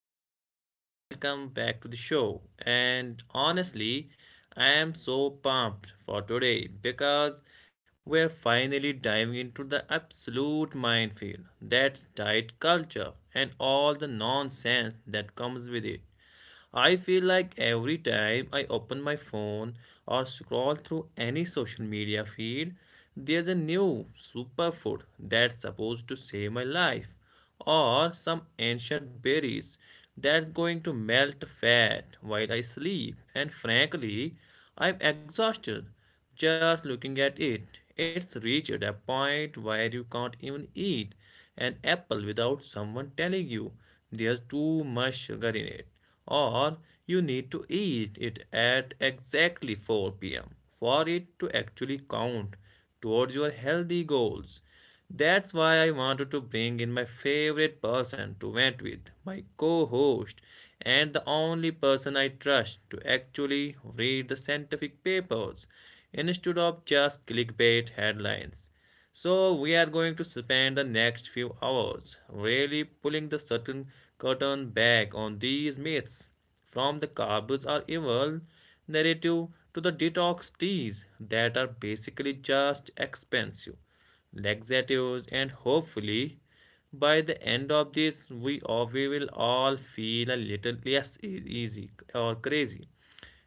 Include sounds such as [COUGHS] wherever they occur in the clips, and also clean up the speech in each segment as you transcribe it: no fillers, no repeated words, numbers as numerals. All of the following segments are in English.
right, everyone. Welcome back to the show. And honestly, I am so pumped for today because we're finally diving into the absolute minefield that's diet culture and all the nonsense that comes with it. I feel like every time I open my phone or scroll through any social media feed, there's a new superfood that's supposed to save my life, or some ancient berries that's going to melt fat while I sleep. And frankly, I'm exhausted just looking at it. It's reached a point where you can't even eat an apple without someone telling you there's too much sugar in it, or you need to eat it at exactly 4 p.m. for it to actually count towards your healthy goals. That's why I wanted to bring in my favorite person to vent with, my co host, and the only person I trust to actually read the scientific papers instead of just clickbait headlines. So, we are going to spend the next few hours really pulling the certain curtain back on these myths from the garbage are evil narrative to the detox teas that are basically just expensive laxatives, and hopefully by the end of this, we will all feel a little less easy or crazy.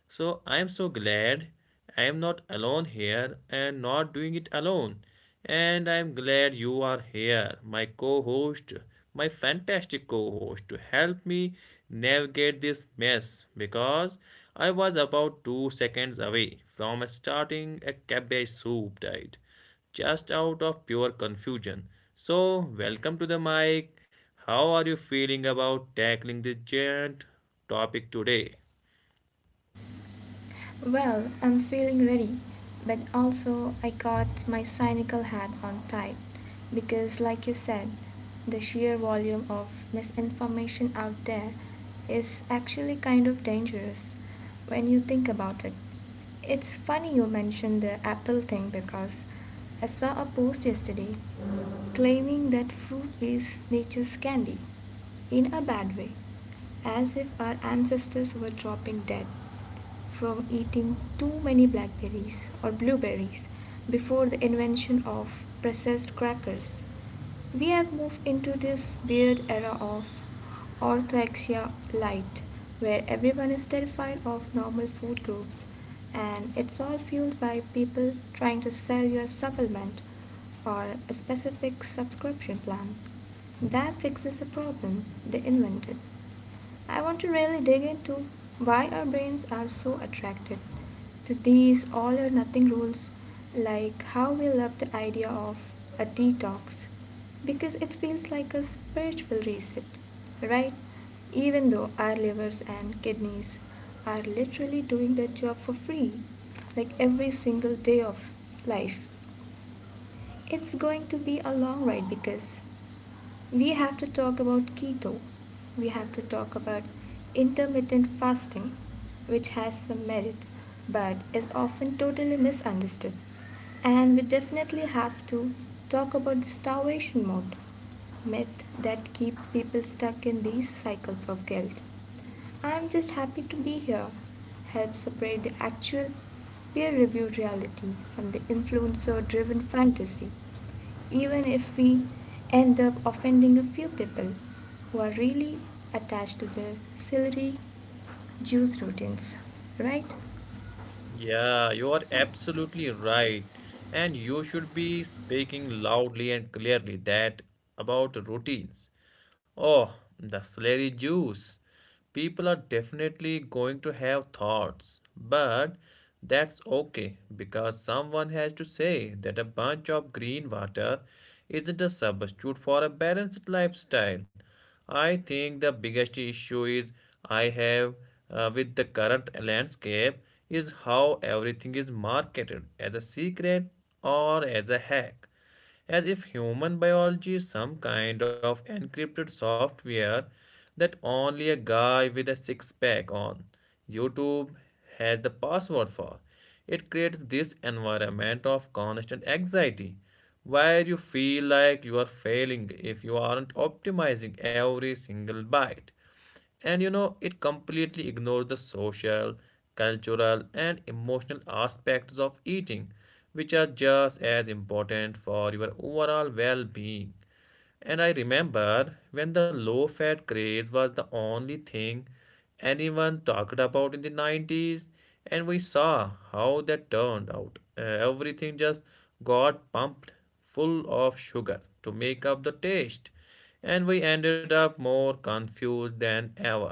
So I am so glad I am not alone here and not doing it alone. And I am glad you are here, my co host, my fantastic co host, to help me navigate this mess because I was about 2 seconds away from starting a cabbage soup diet just out of pure confusion. So, welcome to the mic. How are you feeling about tackling this giant topic today? Well, I'm feeling ready, but also I got my cynical hat on tight because, like you said, the sheer volume of misinformation out there is actually kind of dangerous when you think about it. It's funny you mentioned the apple thing because I saw a post yesterday claiming that fruit is nature's candy in a bad way, as if our ancestors were dropping dead from eating too many blackberries or blueberries before the invention of processed crackers. We have moved into this weird era of orthoxia light where everyone is terrified of normal food groups, and it's all fueled by people trying to sell you a supplement or a specific subscription plan that fixes a problem they invented. I want to really dig into why our brains are so attracted to these all or nothing rules, like how we love the idea of a detox because it feels like a spiritual reset, right? Even though our livers and kidneys are literally doing their job for free, like every single day of life. It's going to be a long ride because we have to talk about keto. We have to talk about intermittent fasting, which has some merit but is often totally misunderstood. And we definitely have to talk about the starvation mode myth that keeps people stuck in these cycles of guilt. I'm just happy to be here, helps separate the actual peer reviewed reality from the influencer driven fantasy, even if we end up offending a few people who are really attached to their celery juice routines, right? Yeah, you are absolutely right. And you should be speaking loudly and clearly that about routines. Oh, the slurry juice. People are definitely going to have thoughts, but that's okay because someone has to say that a bunch of green water isn't a substitute for a balanced lifestyle. I think the biggest issue is I have, with the current landscape is how everything is marketed as a secret or as a hack. As if human biology is some kind of encrypted software that only a guy with a six pack on YouTube has the password for. It creates this environment of constant anxiety where you feel like you are failing if you aren't optimizing every single bite. And you know, it completely ignores the social, cultural, and emotional aspects of eating, which are just as important for your overall well being. And I remember when the low fat craze was the only thing anyone talked about in the 90s, and we saw how that turned out. Everything just got pumped full of sugar to make up the taste, and we ended up more confused than ever.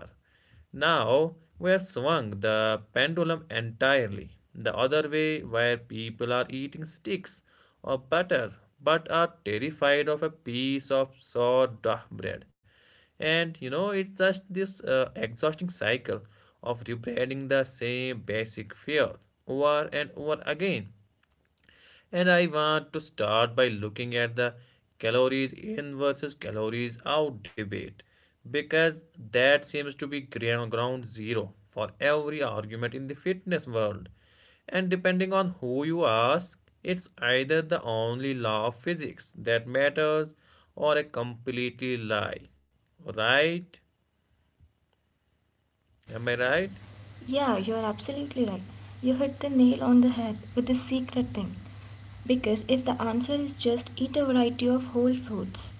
Now we are swung the pendulum entirely the other way, where people are eating sticks or butter but are terrified of a piece of sourdough bread. And you know, it's just this exhausting cycle of rebranding the same basic fear over and over again. And I want to start by looking at the calories in versus calories out debate because that seems to be ground zero for every argument in the fitness world. And depending on who you ask, it's either the only law of physics that matters or a completely lie. Right? Am I right? Yeah, you're absolutely right. You hit the nail on the head with the secret thing. Because if the answer is just eat a variety of whole foods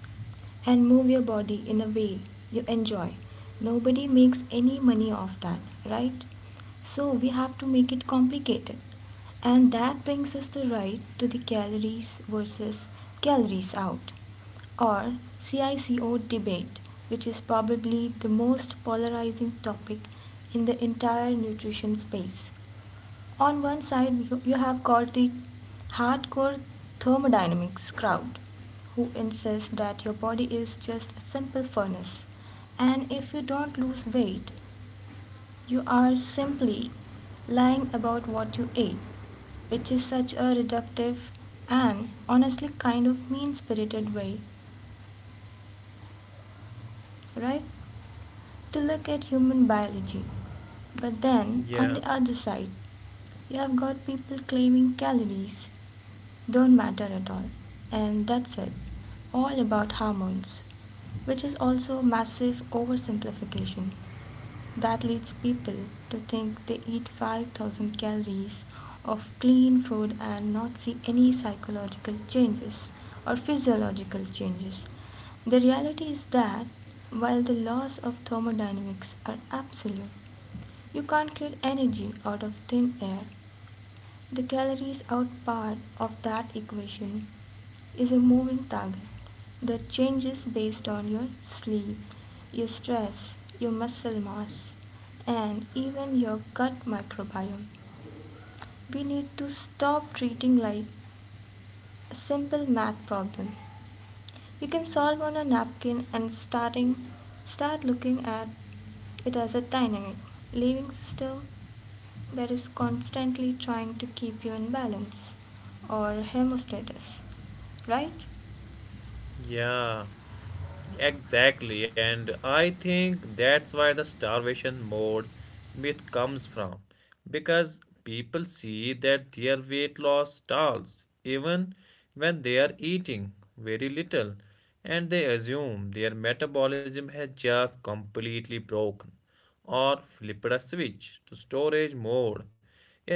and move your body in a way you enjoy, nobody makes any money off that, right? So we have to make it complicated. And that brings us the right to the calories versus calories out or CICO debate, which is probably the most polarizing topic in the entire nutrition space. On one side, you- have got the hardcore thermodynamics crowd who insist that your body is just a simple furnace, and if you don't lose weight, you are simply lying about what you ate, which is such a reductive and honestly kind of mean spirited way, right, to look at human biology. But then, on the Yeah. other side, you have got people claiming calories don't matter at all, and that's it, all about hormones, which is also massive oversimplification. That leads people to think they eat 5,000 calories of clean food and not see any psychological changes or physiological changes. The reality is that while the laws of thermodynamics are absolute, you can't create energy out of thin air. The calories are part of that equation is a moving target that changes based on your sleep, your stress, your muscle mass, and even your gut microbiome. We need to stop treating like a simple math problem you can solve on a napkin and starting start looking at it as a dynamic living system that is constantly trying to keep you in balance or hemostasis, right? Yeah. Exactly, and I think that's why the starvation mode myth comes from because people see that their weight loss stalls even when they are eating very little and they assume their metabolism has just completely broken or flip a switch to storage mode.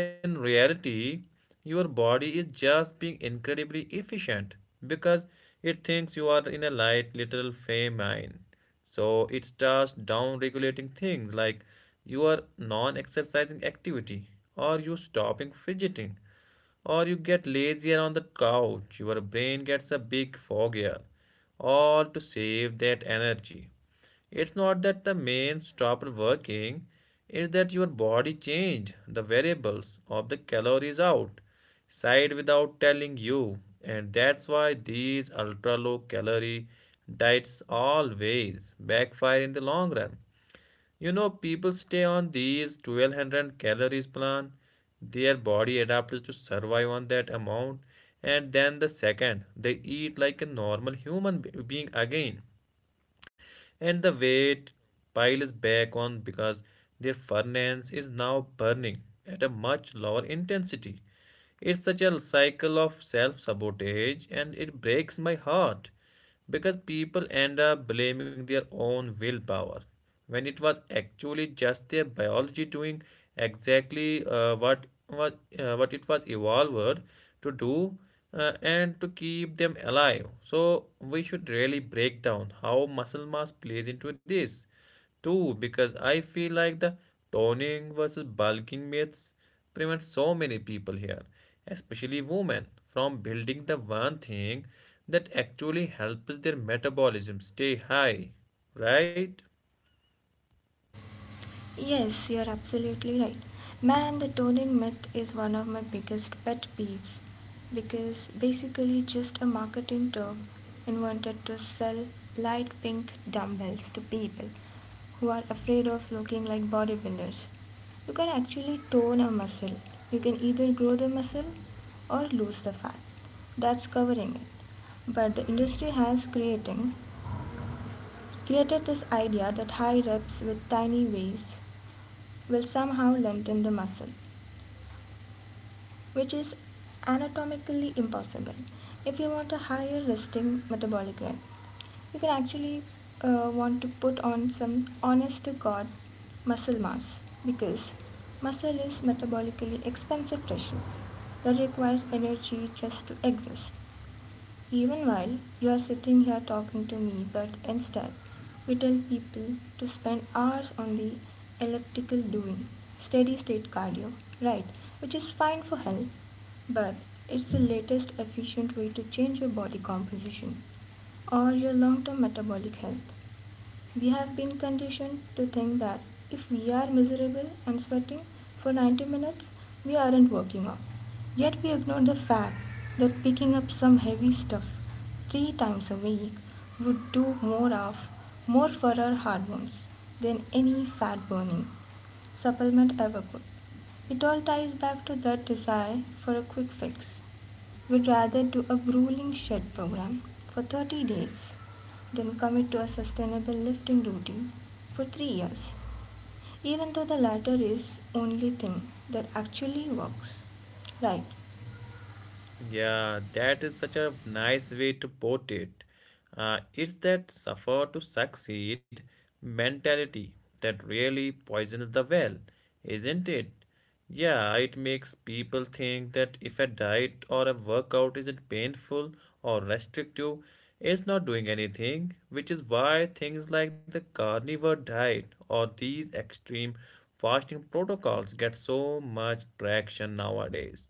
In reality, your body is just being incredibly efficient because it thinks you are in a light little famine. So it starts down regulating things like your non exercising activity, or you stopping fidgeting, or you get lazier on the couch. Your brain gets a big foggier, all to save that energy. It's not that the main stopped working, it's that your body changed the variables of the calories out side without telling you. And that's why these ultra low calorie diets always backfire in the long run. You know, people stay on these 1,200 calories plan, their body adapts to survive on that amount, and then the second they eat like a normal human being again and the weight piles back on because their furnace is now burning at a much lower intensity. It's such a cycle of self sabotage and it breaks my heart because people end up blaming their own willpower when it was actually just their biology doing exactly what it was evolved to do, and to keep them alive. So we should really break down how muscle mass plays into this too, because I feel like the toning versus bulking myths prevent so many people here, especially women, from building the one thing that actually helps their metabolism stay high, right? Yes, you're absolutely right. Man, the toning myth is one of my biggest pet peeves because basically just a marketing term invented to sell light pink dumbbells to people who are afraid of looking like bodybuilders. You can actually tone a muscle. You can either grow the muscle or lose the fat. That's covering it. But the industry has creating created this idea that high reps with tiny waist will somehow lengthen the muscle, which is anatomically impossible. If you want a higher resting metabolic rate, you can actually want to put on some honest to God muscle mass because muscle is metabolically expensive tissue that requires energy just to exist even while you are sitting here talking to me, but instead, we tell people to spend hours on the elliptical doing steady state cardio, right? Which is fine for health, but it's the latest efficient way to change your body composition or your long term metabolic health. We have been conditioned to think that if we are miserable and sweating for 90 minutes, we aren't working out. Yet we ignore the fact that picking up some heavy stuff three times a week would do more for our hormones than any fat burning supplement ever could. It all ties back to that desire for a quick fix would rather do a grueling shed program for 30 days than commit to a sustainable lifting routine for 3 years, even though the latter is the only thing that actually works. Right. Yeah, that is such a nice way to put it. It's that suffer to succeed mentality that really poisons the well, isn't it? Yeah, it makes people think that if a diet or a workout isn't painful or restrictive, it's not doing anything, which is why things like the carnivore diet or these extreme fasting protocols get so much traction nowadays.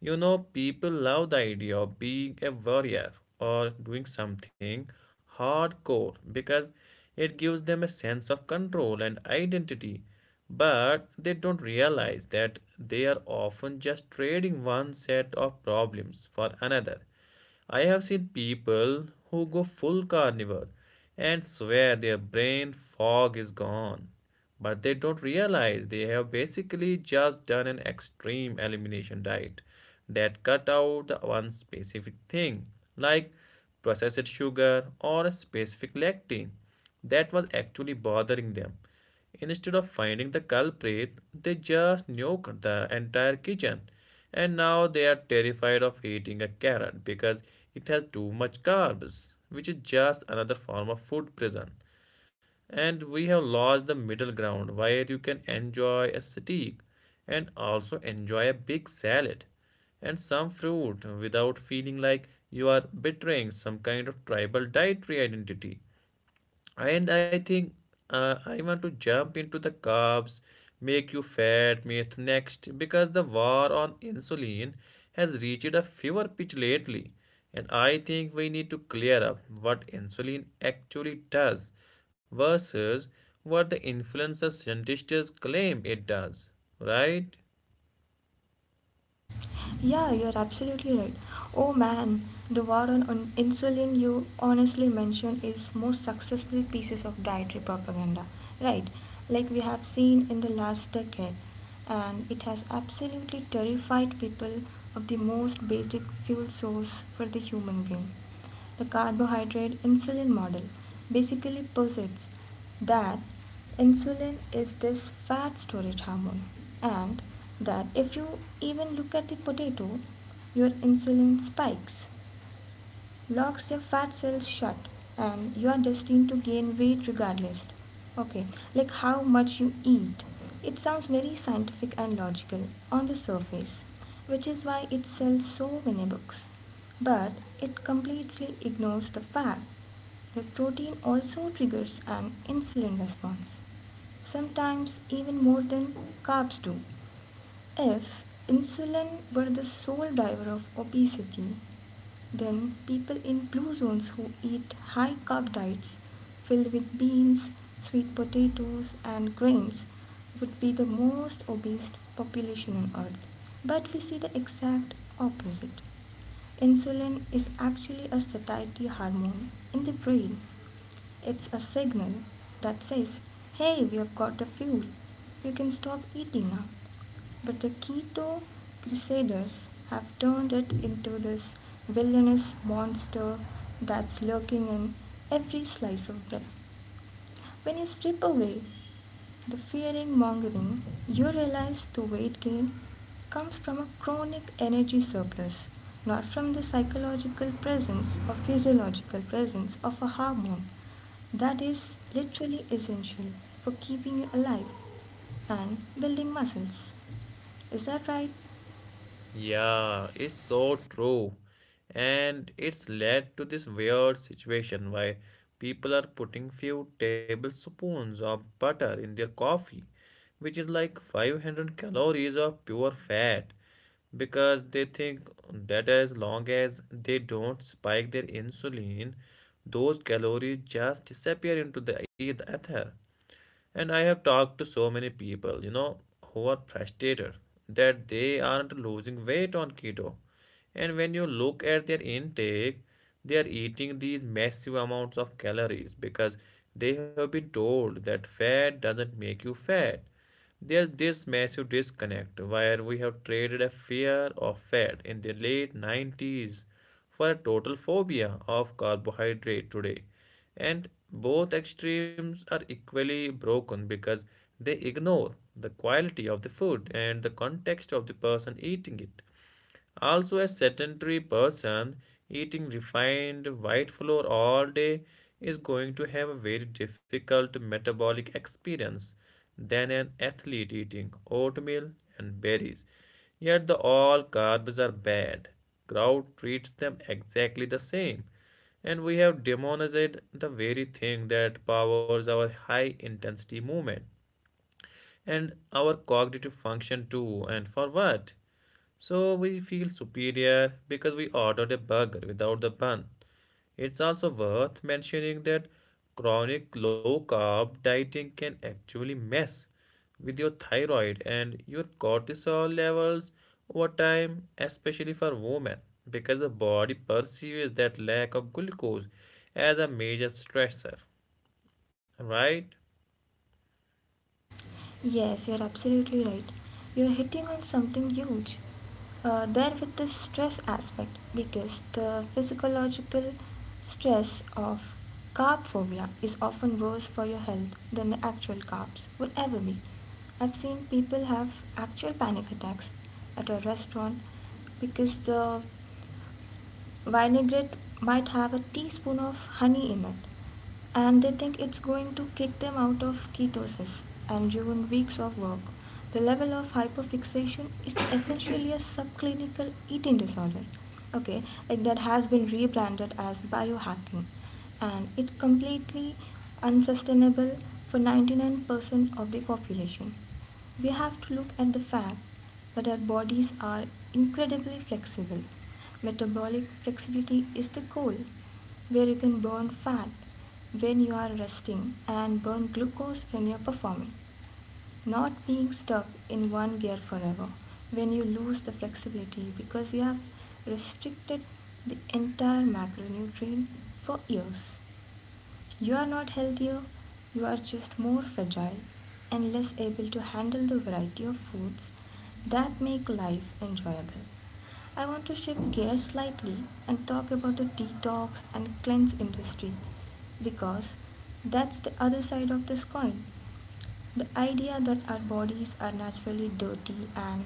You know, people love the idea of being a warrior or doing something hardcore because it gives them a sense of control and identity. But they don't realize that they are often just trading one set of problems for another. I have seen people who go full carnivore and swear their brain fog is gone, but they don't realize they have basically just done an extreme elimination diet that cut out the one specific thing, like processed sugar or a specific lectin, that was actually bothering them. Instead of finding the culprit, they just nuked the entire kitchen. And now they are terrified of eating a carrot because it has too much carbs, which is just another form of food prison. And we have lost the middle ground where you can enjoy a steak and also enjoy a big salad and some fruit without feeling like you are betraying some kind of tribal dietary identity. And I think, I want to jump into the carbs, make you fat myth next because the war on insulin has reached a fever pitch lately. And I think we need to clear up what insulin actually does versus what the influencer scientists claim it does, right? Yeah, you're absolutely right. Oh man, the war on, insulin you honestly mentioned is most successful pieces of dietary propaganda, right? Like we have seen in the last decade, and it has absolutely terrified people of the most basic fuel source for the human being. The carbohydrate insulin model basically posits that insulin is this fat storage hormone, and that if you even look at the potato your insulin spikes, locks your fat cells shut, and you are destined to gain weight regardless. Okay, like how much you eat. It sounds very scientific and logical on the surface, which is why it sells so many books. But it completely ignores the fact that protein also triggers an insulin response, sometimes even more than carbs do. If insulin were the sole driver of obesity, then people in blue zones who eat high carb diets filled with beans, sweet potatoes, and grains would be the most obese population on earth. But we see the exact opposite. Insulin is actually a satiety hormone in the brain. It's a signal that says, hey, we have got the fuel. You can stop eating now. But the keto crusaders have turned it into this villainous monster that's lurking in every slice of bread. When you strip away the fearing mongering, you realize the weight gain comes from a chronic energy surplus, not from the psychological presence or physiological presence of a hormone that is literally essential for keeping you alive and building muscles. Is that right? Yeah, it's so true. And it's led to this weird situation where people are putting few tablespoons of butter in their coffee, which is like 500 calories of pure fat, because they think that as long as they don't spike their insulin, those calories just disappear into the ether. And I have talked to so many people, you know, who are frustrated that they aren't losing weight on keto. And when you look at their intake, they are eating these massive amounts of calories because they have been told that fat doesn't make you fat. There's this massive disconnect where we have traded a fear of fat in the late 90s for a total phobia of carbohydrate today. And both extremes are equally broken because they ignore the quality of the food and the context of the person eating it. Also, a sedentary person eating refined white flour all day is going to have a very difficult metabolic experience than an athlete eating oatmeal and berries. Yet, the all carbs are bad. Crowd treats them exactly the same. And we have demonized the very thing that powers our high intensity movement and our cognitive function too. And for what? So we feel superior because we ordered a burger without the bun. It's also worth mentioning that chronic low carb dieting can actually mess with your thyroid and your cortisol levels over time, especially for women, because the body perceives that lack of glucose as a major stressor, right? Yes, you're absolutely right. You're hitting on something huge there with the stress aspect because the physiological stress of carb phobia is often worse for your health than the actual carbs would ever be. I've seen people have actual panic attacks at a restaurant because the vinaigrette might have a teaspoon of honey in it and they think it's going to kick them out of ketosis and ruin weeks of work. The level of hyperfixation is essentially a subclinical eating disorder, okay, like that has been rebranded as biohacking, and it's completely unsustainable for 99% of the population. We have to look at the fact that our bodies are incredibly flexible. Metabolic flexibility is the goal, where you can burn fat when you are resting and burn glucose when you're performing. Not being stuck in one gear forever when you lose the flexibility because you have restricted the entire macronutrient for years. You are not healthier, you are just more fragile and less able to handle the variety of foods that make life enjoyable. I want to shift gears slightly and talk about the detox and cleanse industry because that's the other side of this coin. The idea that our bodies are naturally dirty and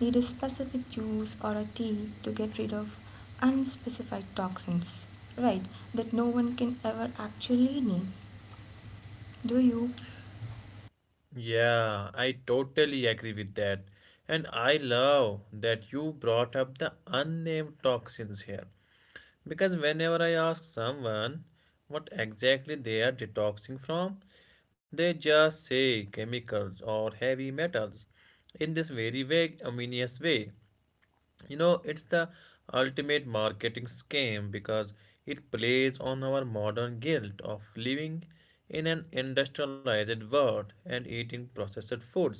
need a specific juice or a tea to get rid of unspecified toxins, right, that no one can ever actually name. Do you? Yeah, I totally agree with that. And I love that you brought up the unnamed toxins here. Because whenever I ask someone what exactly they are detoxing from, they just say chemicals or heavy metals in this very vague, ominous way. You know, it's the ultimate marketing scam because it plays on our modern guilt of living in an industrialized world and eating processed foods,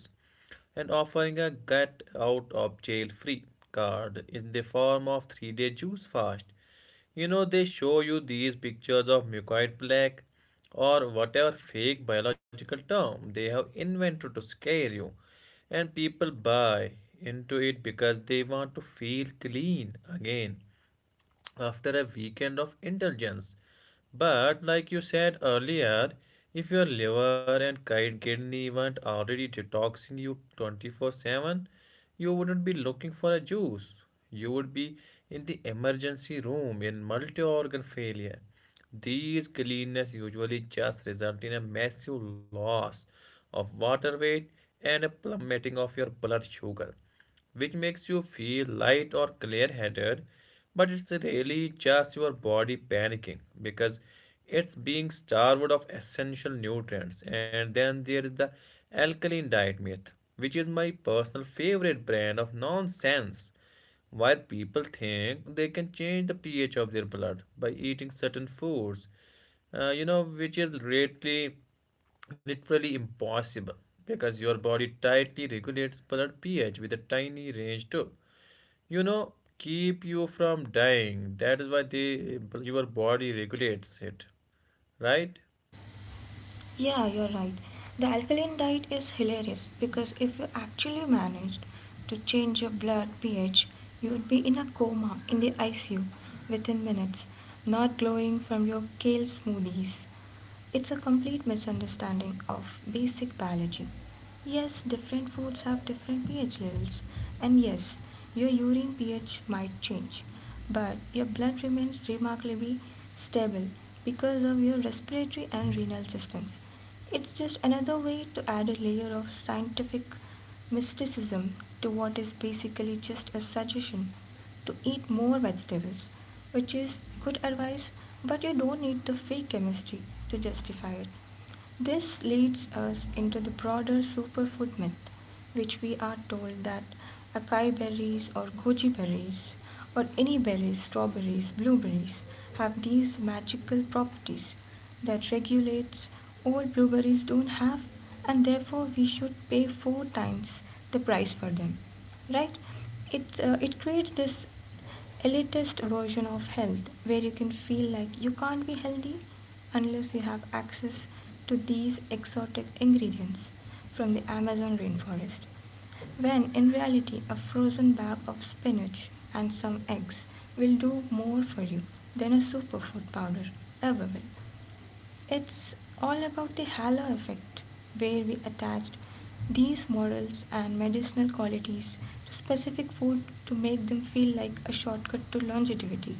and offering a get out of jail free card in the form of 3 day juice fast. You know, they show you these pictures of mucoid plaque or whatever fake biological term they have invented to scare you. And people buy into it because they want to feel clean again after a weekend of indulgence. But like you said earlier, if your liver and kidney weren't already detoxing you 24/7, you wouldn't be looking for a juice. You would be in the emergency room in multi-organ failure. These cleanness usually just result in a massive loss of water weight and a plummeting of your blood sugar, which makes you feel light or clear headed, but it's really just your body panicking because it's being starved of essential nutrients. And then there is the alkaline diet myth, which is my personal favorite brand of nonsense. Why people think they can change the pH of their blood by eating certain foods, which is really literally impossible because your body tightly regulates blood pH with a tiny range too. You know, keep you from dying. That is why the your body regulates it, right? Yeah, you're right. The alkaline diet is hilarious because if you actually managed to change your blood pH, you would be in a coma in the ICU within minutes, not glowing from your kale smoothies. It's a complete misunderstanding of basic biology. Yes, different foods have different pH levels, and yes, your urine pH might change, but your blood remains remarkably stable because of your respiratory and renal systems. It's just another way to add a layer of scientific mysticism to what is basically just a suggestion to eat more vegetables, which is good advice, but you don't need the fake chemistry to justify it. This leads us into the broader superfood myth, which we are told that acai berries or goji berries or any berries, strawberries, blueberries have these magical properties that regulates old blueberries don't have, and therefore we should pay four times the price for them, right? It it creates this elitist version of health where you can feel like you can't be healthy unless you have access to these exotic ingredients from the Amazon rainforest. When in reality, a frozen bag of spinach and some eggs will do more for you than a superfood powder ever will. It's all about the halo effect, where we attached these morals and medicinal qualities to specific food to make them feel like a shortcut to longevity.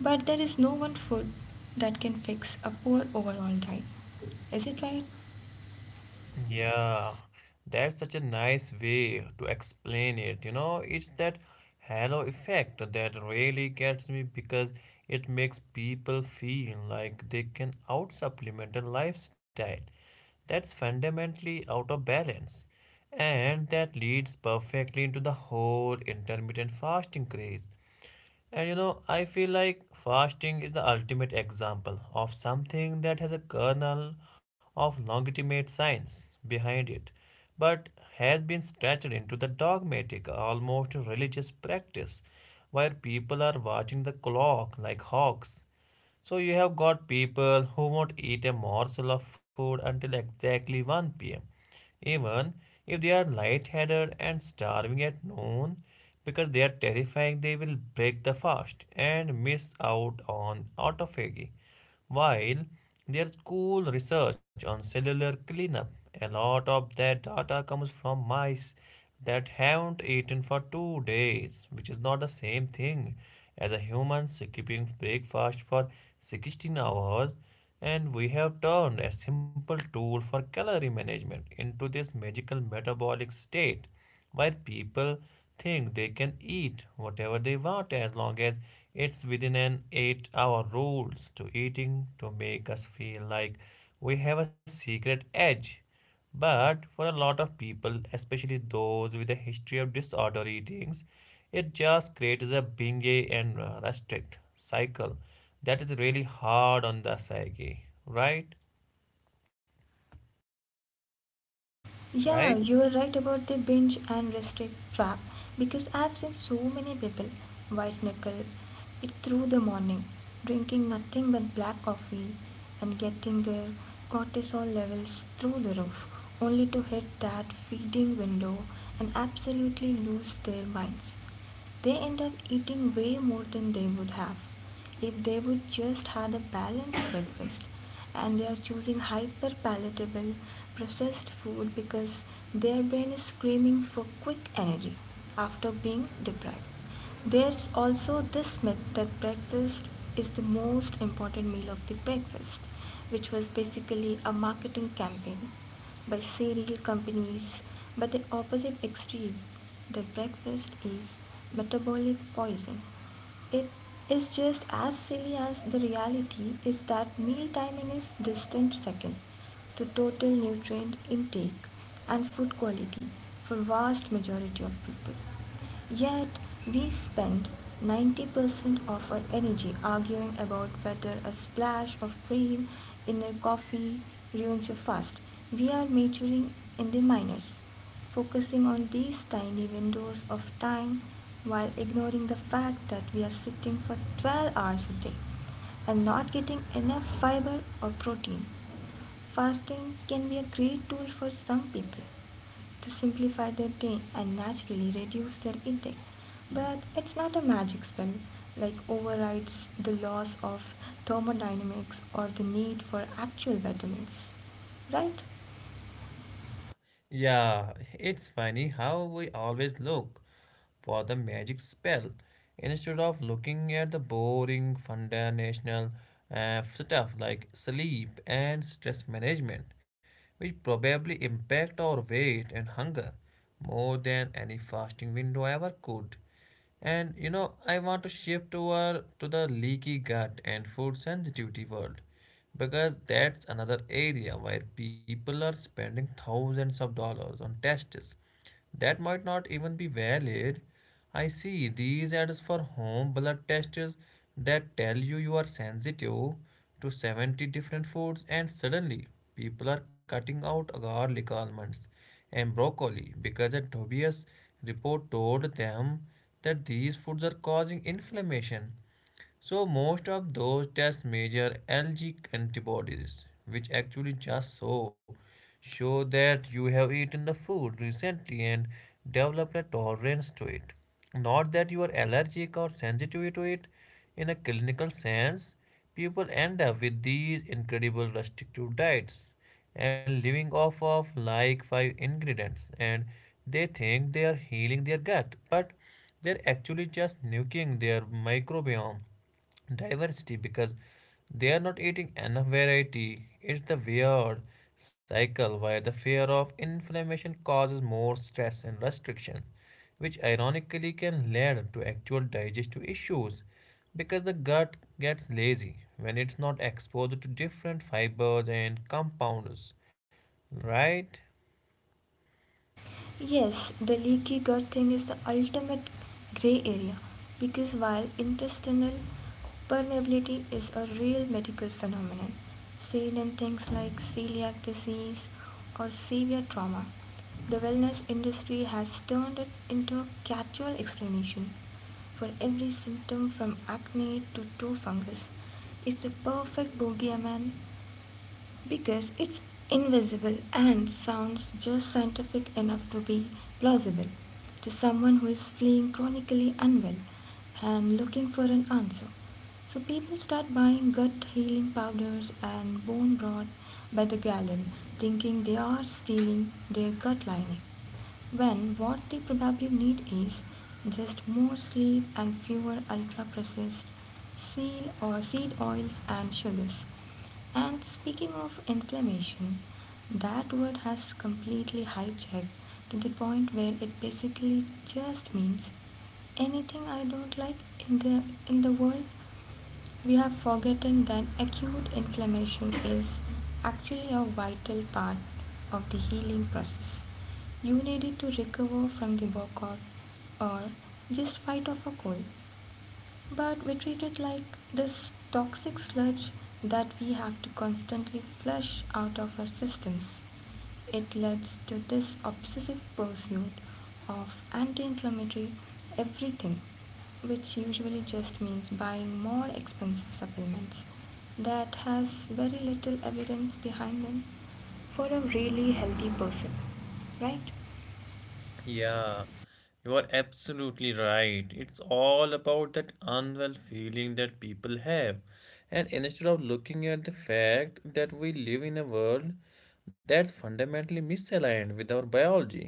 But there is no one food that can fix a poor overall diet. Is it right? Yeah, that's such a nice way to explain it. You know, it's that halo effect that really gets me because it makes people feel like they can out supplement a lifestyle that's fundamentally out of balance. And that leads perfectly into the whole intermittent fasting craze. And you know, I feel like fasting is the ultimate example of something that has a kernel of legitimate science behind it, but has been stretched into the dogmatic, almost religious practice, where people are watching the clock like hawks. So you have got people who won't eat a morsel of food until exactly 1 p.m., even if they are light-headed and starving at noon because they are terrifying they will break the fast and miss out on autophagy. While there's cool research on cellular cleanup, a lot of that data comes from mice that haven't eaten for 2 days, which is not the same thing as a human skipping breakfast for 16 hours. And we have turned a simple tool for calorie management into this magical metabolic state where people think they can eat whatever they want as long as it's within an 8-hour rules to eating to make us feel like we have a secret edge. But for a lot of people, especially those with a history of disorder eatings, it just creates a binge and restrict cycle that is really hard on the psyche, right? Yeah, Right. you are right about the binge and restrict trap because I've seen so many people white knuckle it through the morning, drinking nothing but black coffee and getting their cortisol levels through the roof, only to hit that feeding window and absolutely lose their minds. They end up eating way more than they would have if they would just had a balanced [COUGHS] breakfast, and they are choosing hyper palatable processed food because their brain is screaming for quick energy after being deprived. There's also this myth that breakfast is the most important meal of the breakfast, which was basically a marketing campaign by cereal companies. But the opposite extreme, that breakfast is metabolic poison, it is just as silly as the reality is that meal timing is distant second to total nutrient intake and food quality for vast majority of people. Yet, we spend 90% of our energy arguing about whether a splash of cream in a coffee ruins your fast. We are majoring in the minors, focusing on these tiny windows of time while ignoring the fact that we are sitting for 12 hours a day and not getting enough fiber or protein. Fasting can be a great tool for some people, to simplify their day and naturally reduce their intake. But it's not a magic spell like overrides the laws of thermodynamics or the need for actual weathermix, right? Yeah, it's funny how we always look for the magic spell instead of looking at the boring foundational stuff like sleep and stress management, which probably impact our weight and hunger more than any fasting window ever could. And you know, I want to shift over to the leaky gut and food sensitivity world because that's another area where people are spending thousands of dollars on tests that might not even be valid. I see these ads for home blood tests that tell you you are sensitive to 70 different foods, and suddenly people are cutting out garlic almonds and broccoli because the Tobias report told them that these foods are causing inflammation. So most of those tests measure Lg antibodies, which actually just so show that you have eaten the food recently and developed a tolerance to it. Not that you are allergic or sensitive to it. In a clinical sense, people end up with these incredible restrictive diets and living off of like five ingredients, and they think they are healing their gut, but they're actually just nuking their microbiome diversity because they are not eating enough variety. It's the weird cycle where the fear of inflammation causes more stress and restriction, which ironically can lead to actual digestive issues because the gut gets lazy when it's not exposed to different fibers and compounds, right? Yes, the leaky gut thing is the ultimate gray area because while intestinal permeability is a real medical phenomenon, seen in things like celiac disease or severe trauma, the wellness industry has turned it into a catch-all explanation for every symptom from acne to toe fungus. It's the perfect bogeyman because it's invisible and sounds just scientific enough to be plausible to someone who is feeling chronically unwell and looking for an answer. So people start buying gut healing powders and bone broth by the gallon, thinking they are stealing their gut lining when what they probably need is just more sleep and fewer ultra-processed seed or seed oils and sugars. And speaking of inflammation, that word has completely hijacked to the point where it basically just means anything I don't like in the in the world. We are forgetting that acute inflammation is actually a vital part of the healing process. You needed to recover from the workout or just fight off a cold, but we treat it like this toxic sludge that we have to constantly flush out of our systems. It leads to this obsessive pursuit of anti inflammatory everything, which usually just means buying more expensive supplements that has very little evidence behind them for a really healthy person, right? Yeah, you are absolutely right. It's all about that unwell feeling that people have. And instead of looking at the fact that we live in a world that's fundamentally misaligned with our biology.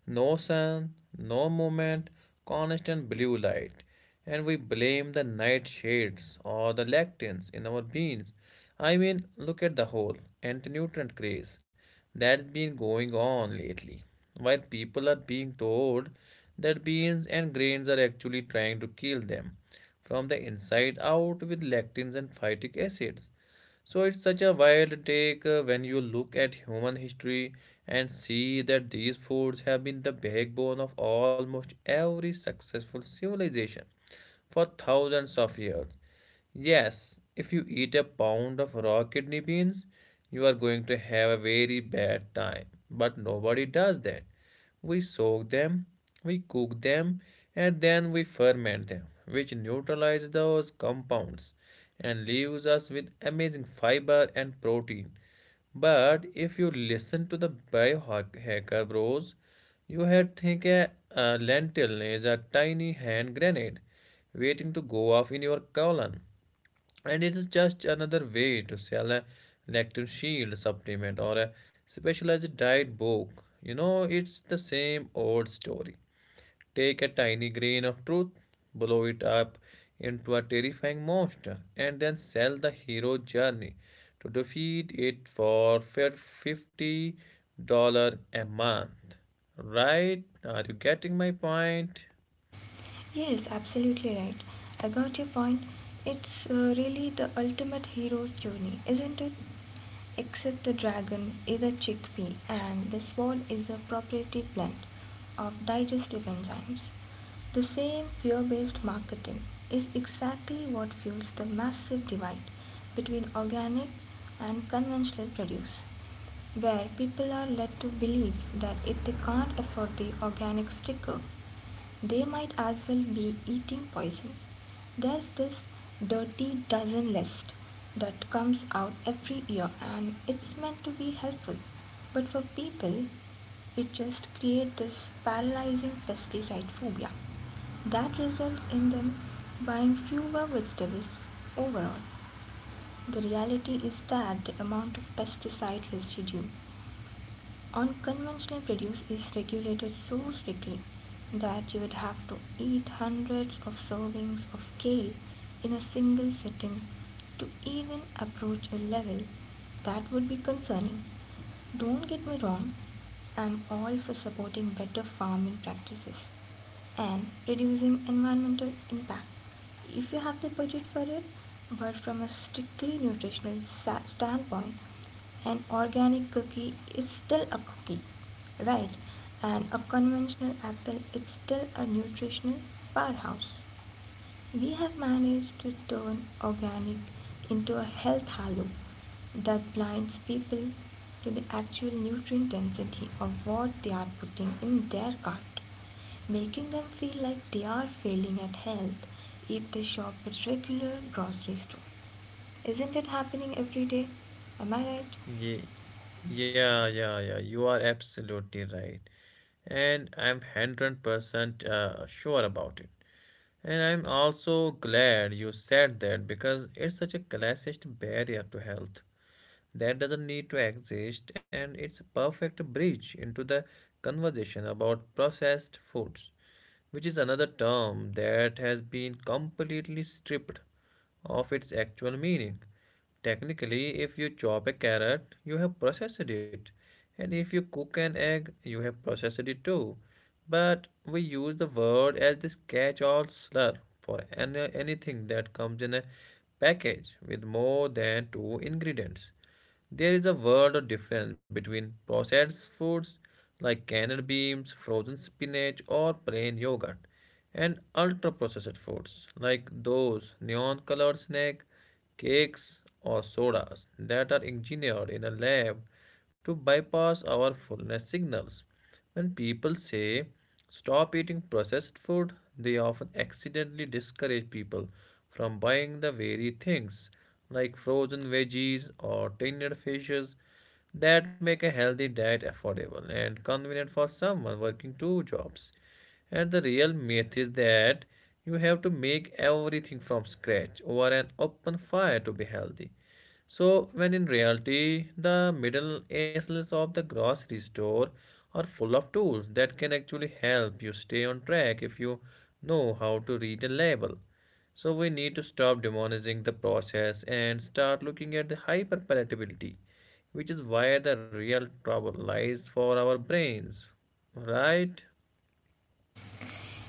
No sun, no movement, constant blue light. And we blame the nightshades or the lectins in our beans. I mean, look at the whole anti nutrient craze that's been going on lately. While people are being told that beans and grains are actually trying to kill them from the inside out with lectins and phytic acids. So it's such a wild take when you look at human history and see that these foods have been the backbone of almost every successful civilization for thousands of years. Yes, if you eat a pound of raw kidney beans, you are going to have a very bad time. But nobody does that. We soak them, we cook them, and then we ferment them, which neutralize those compounds and leaves us with amazing fiber and protein. But if you listen to the biohacker bros, you had think a lentil is a tiny hand grenade waiting to go off in your colon. And it is just another way to sell a lectin shield supplement or a specialized diet book. You know, it's the same old story. Take a tiny grain of truth, blow it up into a terrifying monster, and then sell the hero journey to defeat it for $50 a month. Right? Are you getting my point? Yes, absolutely right. I got your point. It's really the ultimate hero's journey, isn't it? Except the dragon is a chickpea and the swan is a proprietary blend of digestive enzymes. The same fear based marketing is exactly what fuels the massive divide between organic and conventional produce, where people are led to believe that if they can't afford the organic sticker, they might as well be eating poison. There's this dirty dozen list that comes out every year and it's meant to be helpful. But for people, it just creates this paralyzing pesticide phobia that results in them buying fewer vegetables overall. The reality is that the amount of pesticide residue Unconventional produce is regulated so strictly that you would have to eat hundreds of servings of kale in a single sitting to even approach a level that would be concerning. Don't get me wrong, I'm all for supporting better farming practices and reducing environmental impact if you have the budget for it, but from a strictly nutritional standpoint, an organic cookie is still a cookie, right? And a conventional apple is still a nutritional powerhouse. We have managed to turn organic into a health halo that blinds people to the actual nutrient density of what they are putting in their cart, making them feel like they are failing at health if they shop at regular grocery store. Isn't it happening every day? Am I right? Ye- Yeah, yeah, yeah, you are absolutely right. And I'm 100% sure about it. And I'm also glad you said that because it's such a classist barrier to health that doesn't need to exist, and it's a perfect bridge into the conversation about processed foods, which is another term that has been completely stripped of its actual meaning. Technically, if you chop a carrot, you have processed it. And if you cook an egg, you have processed it too. But we use the word as this catch all slur for anything that comes in a package with more than two ingredients. There is a world of difference between processed foods like canned beans, frozen spinach, or plain yogurt, and ultra processed foods like those neon colored snacks, cakes, or sodas that are engineered in a lab to bypass our fullness signals. When people say stop eating processed food, they often accidentally discourage people from buying the very things like frozen veggies or tinned fishes that make a healthy diet affordable and convenient for someone working two jobs. And the real myth is that you have to make everything from scratch over an open fire to be healthy. So, when in reality, the middle aisles of the grocery store are full of tools that can actually help you stay on track if you know how to read a label. So, we need to stop demonizing the process and start looking at the hyperpalatability, which is where the real trouble lies for our brains, right?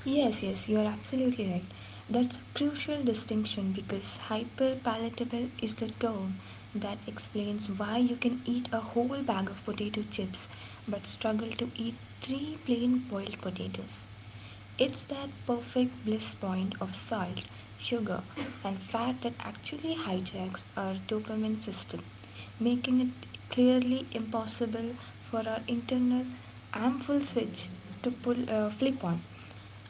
Yes, yes, you are absolutely right. That's a crucial distinction because hyperpalatable is the term that explains why you can eat a whole bag of potato chips but struggle to eat three plain boiled potatoes. It's that perfect bliss point of salt, sugar, and fat that actually hijacks our dopamine system, making it clearly impossible for our internal ample switch to pull, flip on.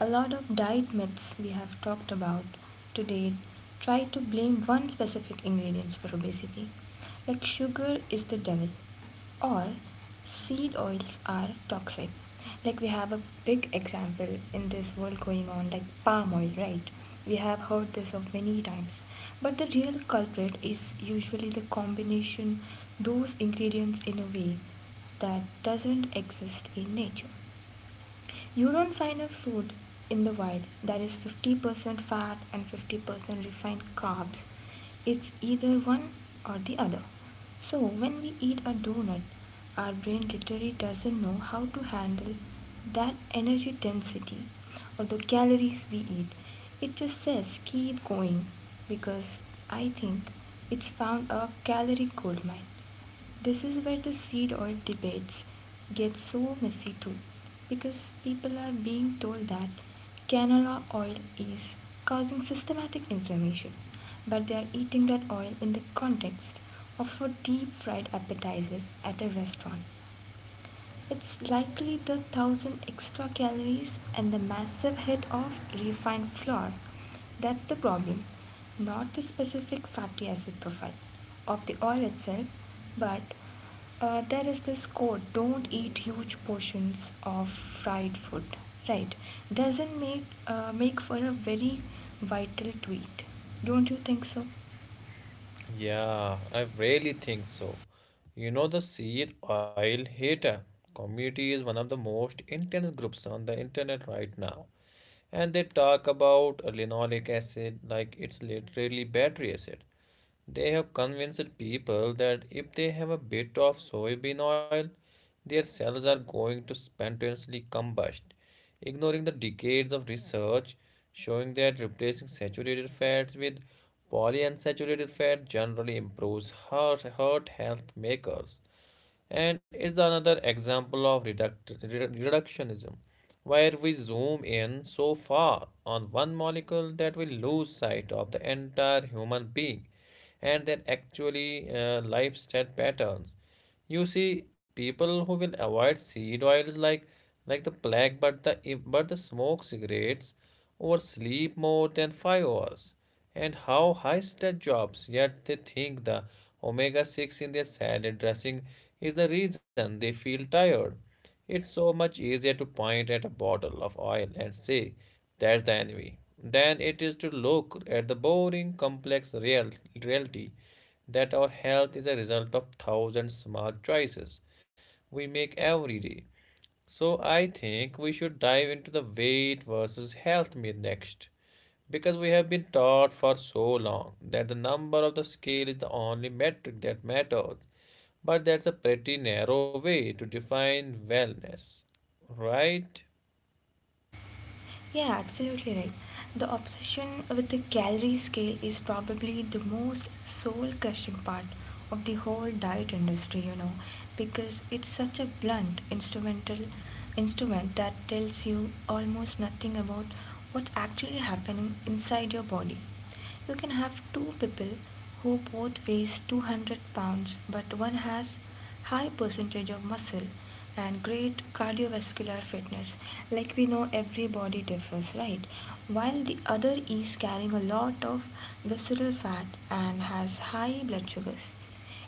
A lot of diet myths we have talked about today try to blame one specific ingredient for obesity, like sugar is the devil, or seed oils are toxic. Like we have a big example in this world going on, like palm oil, right? We have heard this of many times, but the real culprit is usually the combination those ingredients in a way that doesn't exist in nature. You don't find a food in the wild that is 50% fat and 50% refined carbs. It's either one or the other. So when we eat a donut, our brain literally doesn't know how to handle that energy density or the calories we eat. It just says keep going because I think it's found a calorie goldmine. This is where the seed oil debates get so messy too, because people are being told that canola oil is causing systematic inflammation, but they are eating that oil in the context of a deep fried appetizer at a restaurant. It's likely the thousand extra calories and the massive hit of refined flour. That's the problem, not the specific fatty acid profile of the oil itself, but there is this quote don't eat huge portions of fried food, right? Doesn't make, make for a very vital tweet. Don't you think so? Yeah, I really think so. You know, the seed oil hater community is one of the most intense groups on the internet right now. And they talk about linoleic acid like it's literally battery acid. They have convinced people that if they have a bit of soybean oil, their cells are going to spontaneously combust, ignoring the decades of research showing that replacing saturated fats with polyunsaturated fat generally improves heart health makers, and is another example of reductionism, where we zoom in so far on one molecule that we lose sight of the entire human being and their actually lifestyle patterns. You see, people who will avoid seed oils like the plague, but the smoke cigarettes or sleep more than 5 hours, and how high stress jobs. Yet they think the omega six in their salad dressing is the reason they feel tired. It's so much easier to point at a bottle of oil and say, that's the enemy, than it is to look at the boring, complex reality that our health is a result of thousand small choices we make every day. So I think we should dive into the weight versus health myth next. Because we have been taught for so long that the number of the scale is the only metric that matters. But that's a pretty narrow way to define wellness, right? Yeah, absolutely right. The obsession with the calorie scale is probably the most soul crushing part of the whole diet industry, you know, because it's such a blunt instrumental instrument that tells you almost nothing about what's actually happening inside your body. You can have two people who both weighs 200 pounds, but one has high percentage of muscle and great cardiovascular fitness, like we know every body differs, right, while the other is carrying a lot of visceral fat and has high blood sugars.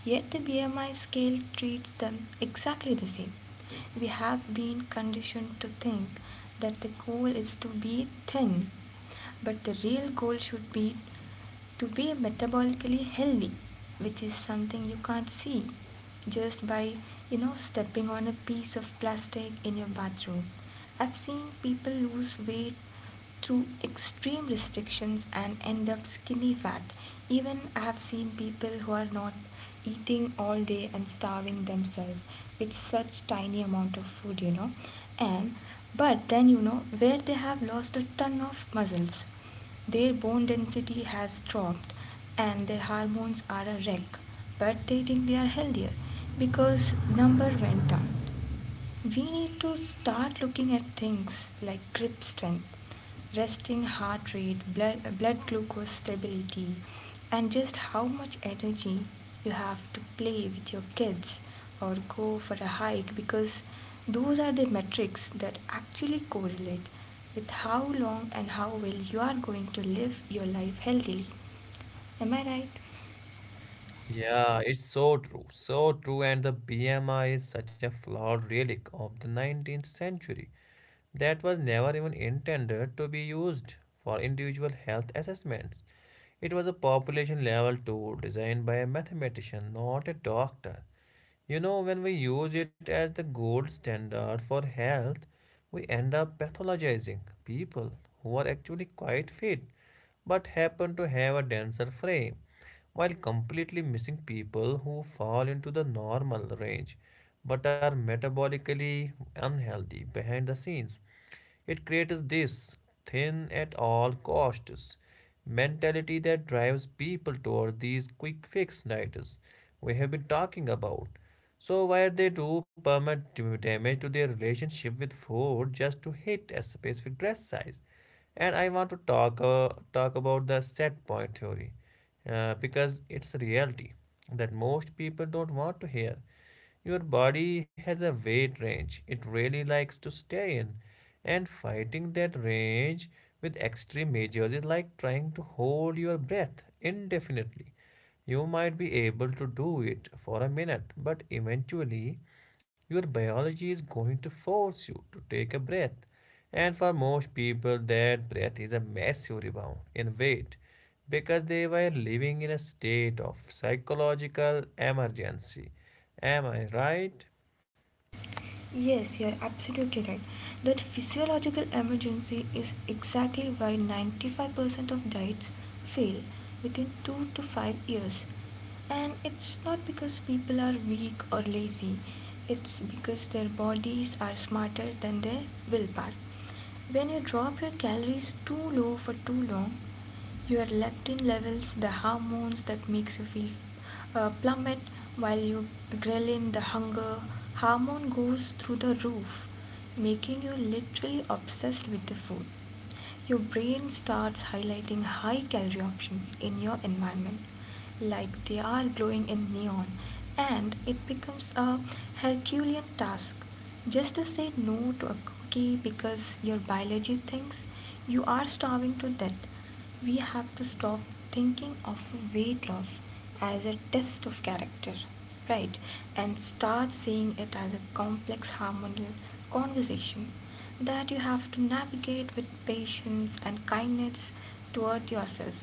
Yet the BMI scale treats them exactly the same. We have been conditioned to think that the goal is to be thin, but the real goal should be to be metabolically healthy, which is something you can't see just by, you know, stepping on a piece of plastic in your bathroom. I've seen people lose weight through extreme restrictions and end up skinny fat. Even I have seen people who are not eating all day and starving themselves with such tiny amount of food, you know. And but then you know where they have lost a ton of muscles. Their bone density has dropped and their hormones are a wreck, but they think they are healthier because number went down. We need to start looking at things like grip strength, resting heart rate, blood glucose stability, and just how much energy you have to play with your kids or go for a hike, because those are the metrics that actually correlate with how long and how well you are going to live your life healthily. Am I right? Yeah, it's so true, so true. And the BMI is such a flawed relic of the 19th century that was never even intended to be used for individual health assessments. It was a population level tool designed by a mathematician, not a doctor. You know, when we use it as the gold standard for health, we end up pathologizing people who are actually quite fit but happen to have a denser frame, while completely missing people who fall into the normal range but are metabolically unhealthy behind the scenes. It creates this thin at all costs mentality that drives people toward these quick fix diets we have been talking about. So where they do permanent damage to their relationship with food just to hit a specific dress size. And I want to talk about the set point theory because it's a reality that most people don't want to hear. Your body has a weight range it really likes to stay in, and fighting that range with extreme measures is like trying to hold your breath indefinitely. You might be able to do it for a minute, but eventually, your biology is going to force you to take a breath. And for most people, that breath is a massive rebound in weight because they were living in a state of psychological emergency. Am I right? Yes, you are absolutely right. That physiological emergency is exactly why 95% of diets fail within 2 to 5 years. And it's not because people are weak or lazy, it's because their bodies are smarter than their willpower. When you drop your calories too low for too long, your leptin levels, the hormones that makes you feel plummet, while you ghrelin, the hunger hormone goes through the roof, making you literally obsessed with the food. Your brain starts highlighting high calorie options in your environment, like they are glowing in neon, and it becomes a Herculean task just to say no to a cookie because your biology thinks you are starving to death. We have to stop thinking of weight loss as a test of character, right? And start seeing it as a complex hormonal conversation that you have to navigate with patience and kindness toward yourself.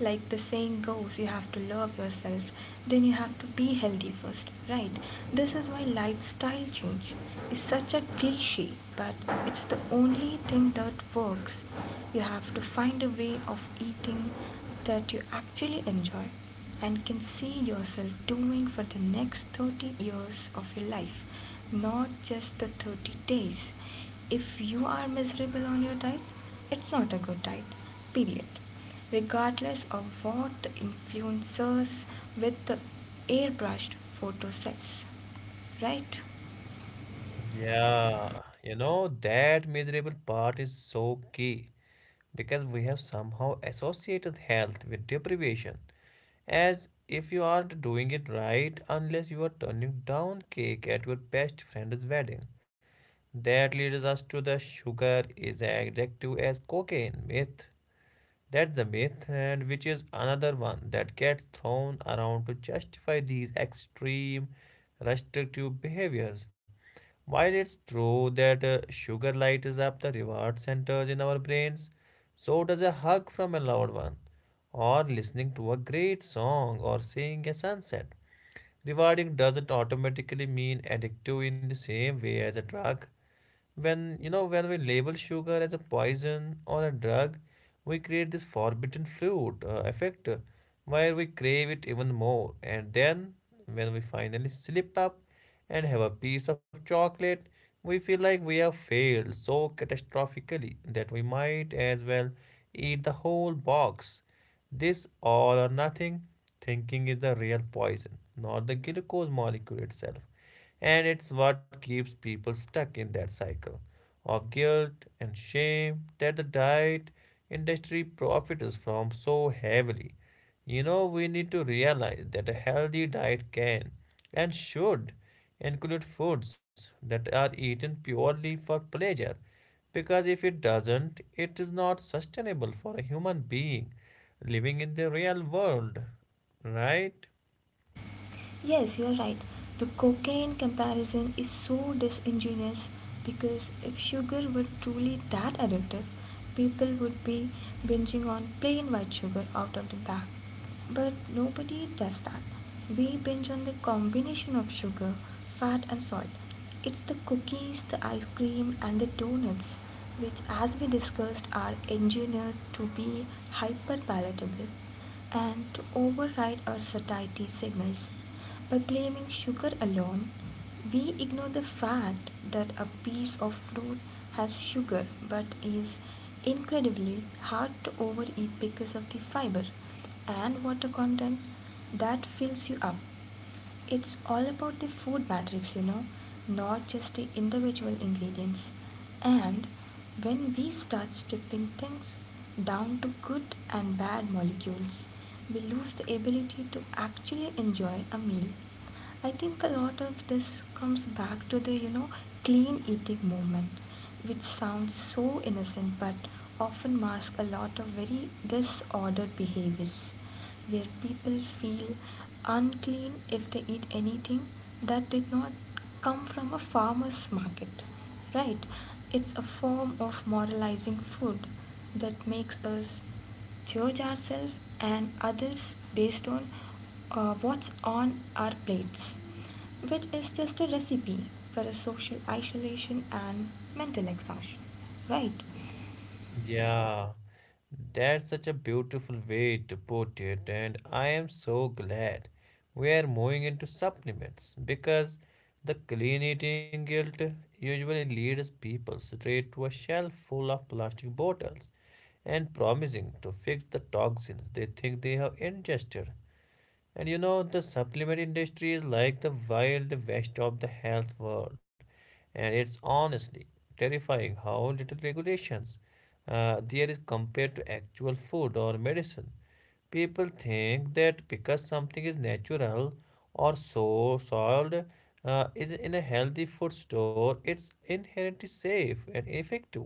Like the saying goes, you have to love yourself, then you have to be healthy first, right? This is why lifestyle change is such a cliche, but it's the only thing that works. You have to find a way of eating that you actually enjoy and can see yourself doing for the next 30 years of your life, not just the 30 days. If you are miserable on your diet, it's not a good diet, period. Regardless of what the influencers with the airbrushed photo says, right? Yeah, that miserable part is so key because we have somehow associated health with deprivation, as if you aren't doing it right unless you are turning down cake at your best friend's wedding. That leads us to the sugar is addictive as cocaine myth, that's a myth, and which is another one that gets thrown around to justify these extreme restrictive behaviors. While it's true that sugar lights up the reward centers in our brains, so does a hug from a loved one, or listening to a great song, or seeing a sunset. Rewarding doesn't automatically mean addictive in the same way as a drug when when we label sugar as a poison or a drug, we create this forbidden fruit effect, where we crave it even more. And then when we finally slip up and have a piece of chocolate, we feel like we have failed so catastrophically that we might as well eat the whole box. This all or nothing thinking is the real poison, not the glucose molecule itself, and it's what keeps people stuck in that cycle of guilt and shame that the diet industry profits from so heavily. We need to realize that a healthy diet can and should include foods that are eaten purely for pleasure, because if it doesn't, it is not sustainable for a human being living in the real world, right? Yes, you're right. The cocaine comparison is so disingenuous because if sugar were truly that addictive, people would be binging on plain white sugar out of the bag. But nobody does that. We binge on the combination of sugar, fat, and salt. It's the cookies, the ice cream, and the donuts, which, as we discussed, are engineered to be hyper palatable and to override our satiety signals. By blaming sugar alone, we ignore the fact that a piece of fruit has sugar but is incredibly hard to overeat because of the fiber and water content that fills you up. It's all about the food matrix, not just the individual ingredients. And when we start stripping things down to good and bad molecules, we lose the ability to actually enjoy a meal. I think a lot of this comes back to the, clean eating movement, which sounds so innocent but often masks a lot of very disordered behaviors, where people feel unclean if they eat anything that did not come from a farmer's market. Right? It's a form of moralizing food that makes us judge ourselves and others based on what's on our plates, which is just a recipe for a social isolation and mental exhaustion, right? Yeah, that's such a beautiful way to put it, and I am so glad we are moving into supplements because the clean eating guilt usually leads people straight to a shelf full of plastic bottles and promising to fix the toxins they think they have ingested. And the supplement industry is like the wild west of the health world. And it's honestly terrifying how little regulations there is compared to actual food or medicine. People think that because something is natural or so sold is in a healthy food store, it's inherently safe and effective,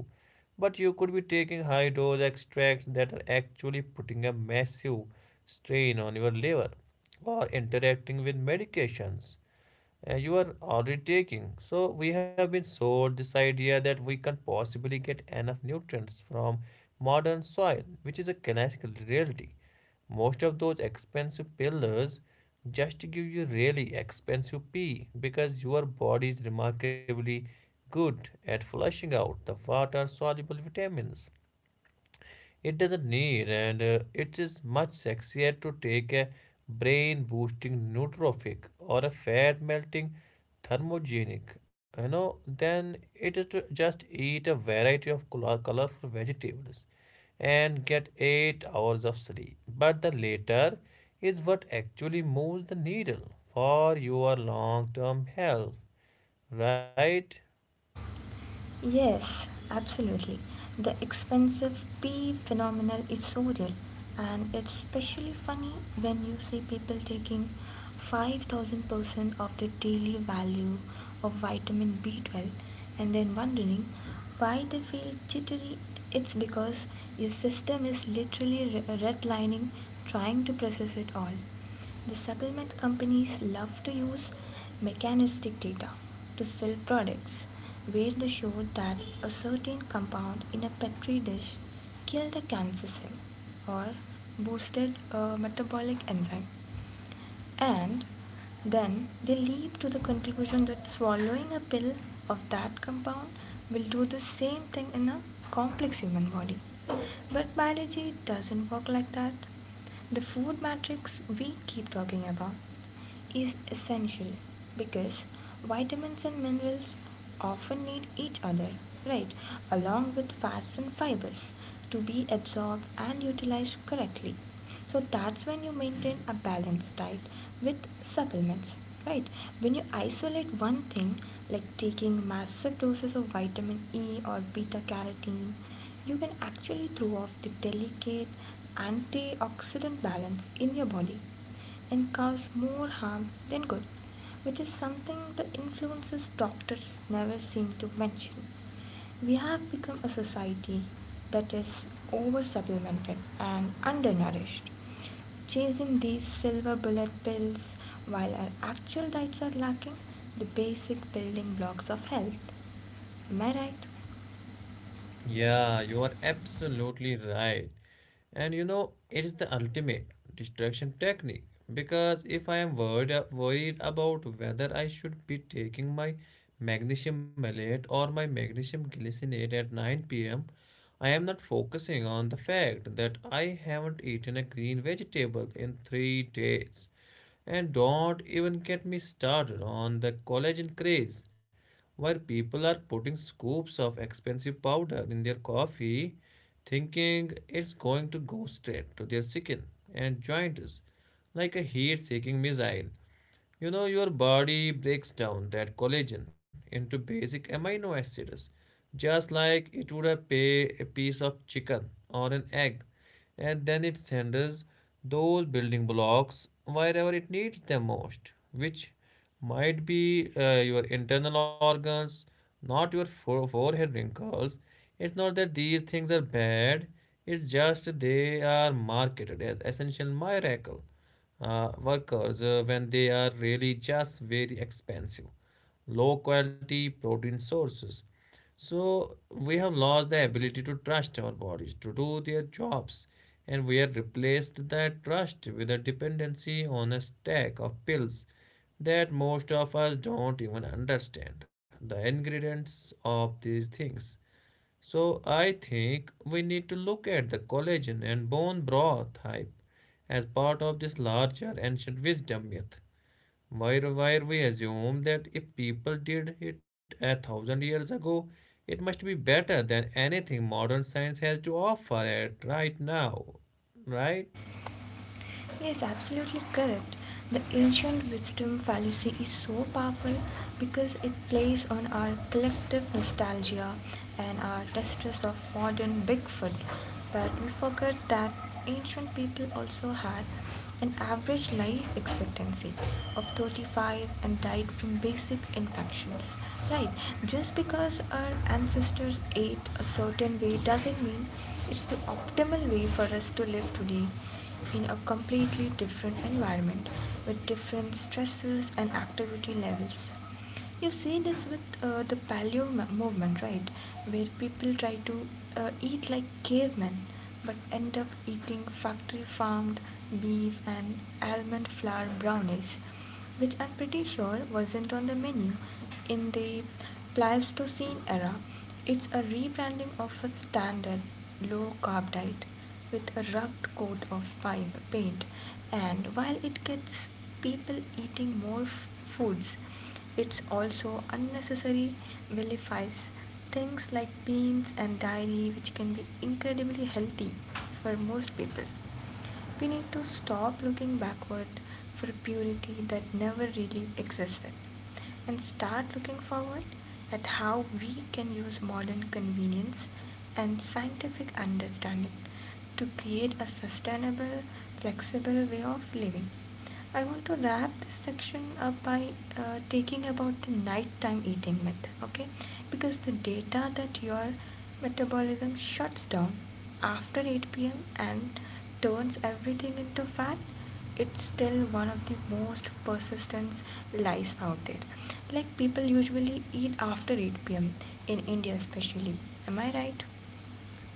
but you could be taking high dose extracts that are actually putting a massive strain on your liver or interacting with medications you are already taking. So we have been sold this idea that we can't possibly get enough nutrients from modern soil, which is a classical reality. Most of those expensive pillars just give you really expensive pee because your body is remarkably good at flushing out the water soluble vitamins it doesn't need, and it is much sexier to take a brain boosting nootropic or a fat melting thermogenic, than it is to just eat a variety of colorful vegetables and get 8 hours of sleep. But the latter is what actually moves the needle for your long term health, right? Yes, absolutely. The expensive P phenomenon is so real, and it's especially funny when you see people taking 5000% of the daily value of vitamin B12 and then wondering why they feel jittery. It's because your system is literally redlining, trying to process it all. The supplement companies love to use mechanistic data to sell products, where they show that a certain compound in a petri dish killed a cancer cell or boosted a metabolic enzyme. And then they leap to the conclusion that swallowing a pill of that compound will do the same thing in a complex human body. But biology doesn't work like that. The food matrix we keep talking about is essential, because vitamins and minerals often need each other, right, along with fats and fibers to be absorbed and utilized correctly. So that's when you maintain a balanced diet with supplements, right? When you isolate one thing, like taking massive doses of vitamin E or beta carotene, you can actually throw off the delicate antioxidant balance in your body and cause more harm than good, which is something the influences doctors never seem to mention. We have become a society that is over supplemented and undernourished, chasing these silver bullet pills while our actual diets are lacking the basic building blocks of health. Am I right? Yeah, you are absolutely right. And it is the ultimate distraction technique, because if I am worried about whether I should be taking my magnesium malate or my magnesium glycinate at 9 p.m., I am not focusing on the fact that I haven't eaten a green vegetable in 3 days. And don't even get me started on the collagen craze, where people are putting scoops of expensive powder in their coffee, thinking it's going to go straight to their skin and joints like a heat seeking missile. Your body breaks down that collagen into basic amino acids, just like it would a pay a piece of chicken or an egg, and then it sends those building blocks wherever it needs them most, which might be your internal organs, not your forehead wrinkles. It's not that these things are bad, it's just they are marketed as essential miracle workers when they are really just very expensive, low quality protein sources. So we have lost the ability to trust our bodies to do their jobs, and we have replaced that trust with a dependency on a stack of pills that most of us don't even understand the ingredients of these things. So I think we need to look at the collagen and bone broth hype as part of this larger ancient wisdom myth. Why we assume that if people did it a thousand years ago, it must be better than anything modern science has to offer it right now, right? Yes, absolutely correct. The ancient wisdom fallacy is so powerful because it plays on our collective nostalgia and our distrust of modern Bigfoot. But we forget that ancient people also had an average life expectancy of 35 and died from basic infections. Right, just because our ancestors ate a certain way doesn't mean it's the optimal way for us to live today in a completely different environment with different stresses and activity levels. You see this with the paleo movement, right? Where people try to eat like cavemen but end up eating factory farmed beef and almond flour brownies, which I'm pretty sure wasn't on the menu in the Pleistocene era. It's a rebranding of a standard low carb diet with a rugged coat of paint, and while it gets people eating more foods, it's also unnecessary vilifies things like beans and dairy, which can be incredibly healthy for most people. We need to stop looking backward for purity that never really existed and start looking forward at how we can use modern convenience and scientific understanding to create a sustainable, flexible way of living. I want to wrap this section up by taking about the nighttime eating method, okay? Because the data that your metabolism shuts down after 8 p.m. and turns everything into fat, it's still one of the most persistent lies out there. Like people usually eat after 8 p.m. in India, especially. Am I right?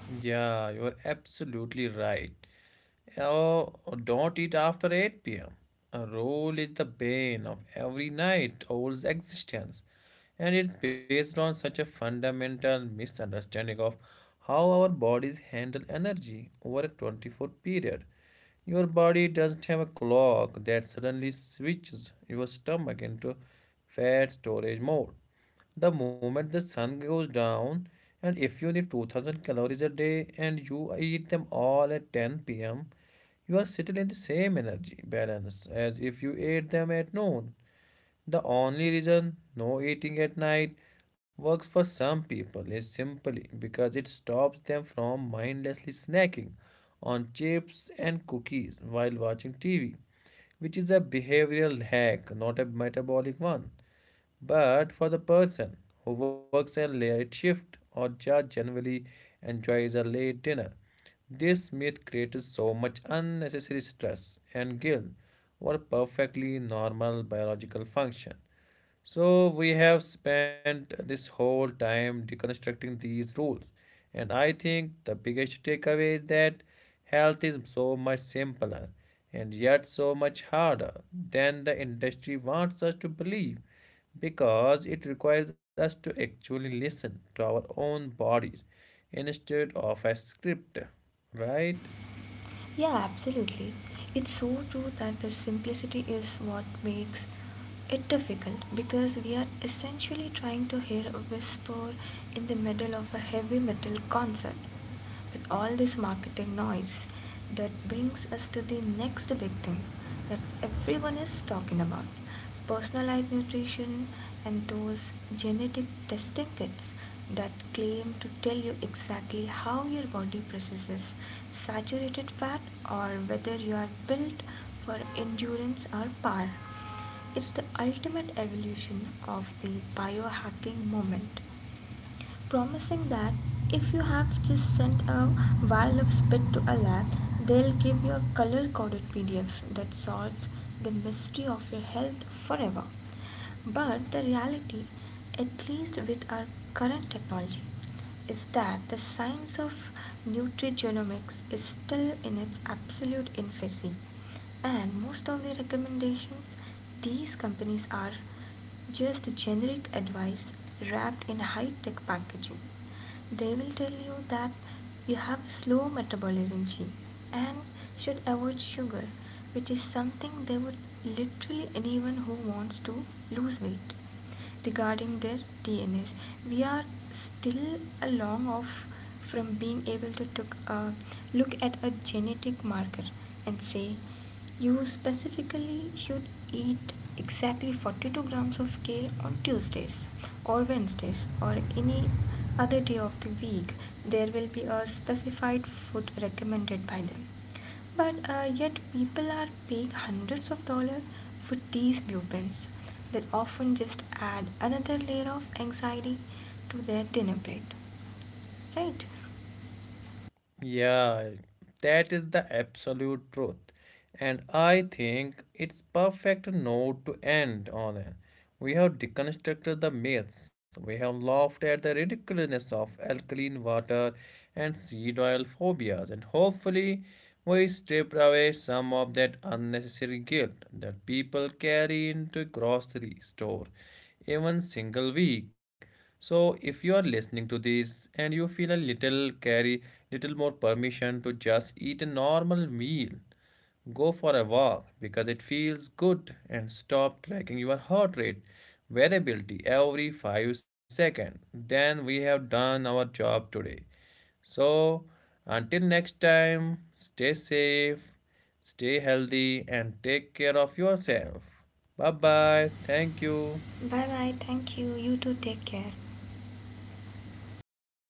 Yeah, you're absolutely right. Oh, don't eat after 8 pm. A roll is the bane of every night owl's existence, and it's based on such a fundamental misunderstanding of how our bodies handle energy over a 24 period. Your body doesn't have a clock that suddenly switches your stomach into fat storage mode the moment the sun goes down, and if you need 2000 calories a day and you eat them all at 10 p.m., you are still in the same energy balance as if you ate them at noon. The only reason no eating at night works for some people is simply because it stops them from mindlessly snacking on chips and cookies while watching TV, which is a behavioral hack, not a metabolic one. But for the person who works a late shift or just generally enjoys a late dinner, this myth creates so much unnecessary stress and guilt over perfectly normal biological function. So we have spent this whole time deconstructing these rules. And I think the biggest takeaway is that health is so much simpler and yet so much harder than the industry wants us to believe, because it requires us to actually listen to our own bodies instead of a script, right? Yeah, absolutely. It's so true that the simplicity is what makes it difficult, because we are essentially trying to hear a whisper in the middle of a heavy metal concert with all this marketing noise that brings us to the next big thing that everyone is talking about: personalized nutrition and those genetic testing kits that claim to tell you exactly how your body processes saturated fat or whether you are built for endurance or power. It's the ultimate evolution of the biohacking moment, promising that if you have just sent a vial of spit to a lab, they'll give you a color coded PDF that solves the mystery of your health forever. But the reality, at least with our current technology, is that the science of nutrigenomics is still in its absolute infancy, and most of the recommendations these companies are just generic advice wrapped in high tech packaging. They will tell you that you have a slow metabolism gene and should avoid sugar, which is something they would literally anyone who wants to lose weight regarding their DNAs. We are still a long off from being able to took a look at a genetic marker and say you specifically should eat exactly 42 grams of kale on Tuesdays or Wednesdays or any other day of the week. There will be a specified food recommended by them. But yet people are paying hundreds of dollars for these blueprints that often just add another layer of anxiety to their dinner plate. Right? Yeah, that is the absolute truth. And I think it's perfect note to end on. We have deconstructed the myths. We have laughed at the ridiculousness of alkaline water and seed oil phobias. And hopefully, we stripped away some of that unnecessary guilt that people carry into grocery store even single week. So if you are listening to this and you feel a little carry, little more permission to just eat a normal meal, go for a walk because it feels good, and stop tracking your heart rate variability every 5 seconds, then we have done our job today. So, until next time, stay safe, stay healthy, and take care of yourself. Bye bye. Thank you. Bye bye. Thank you. You too. Take care.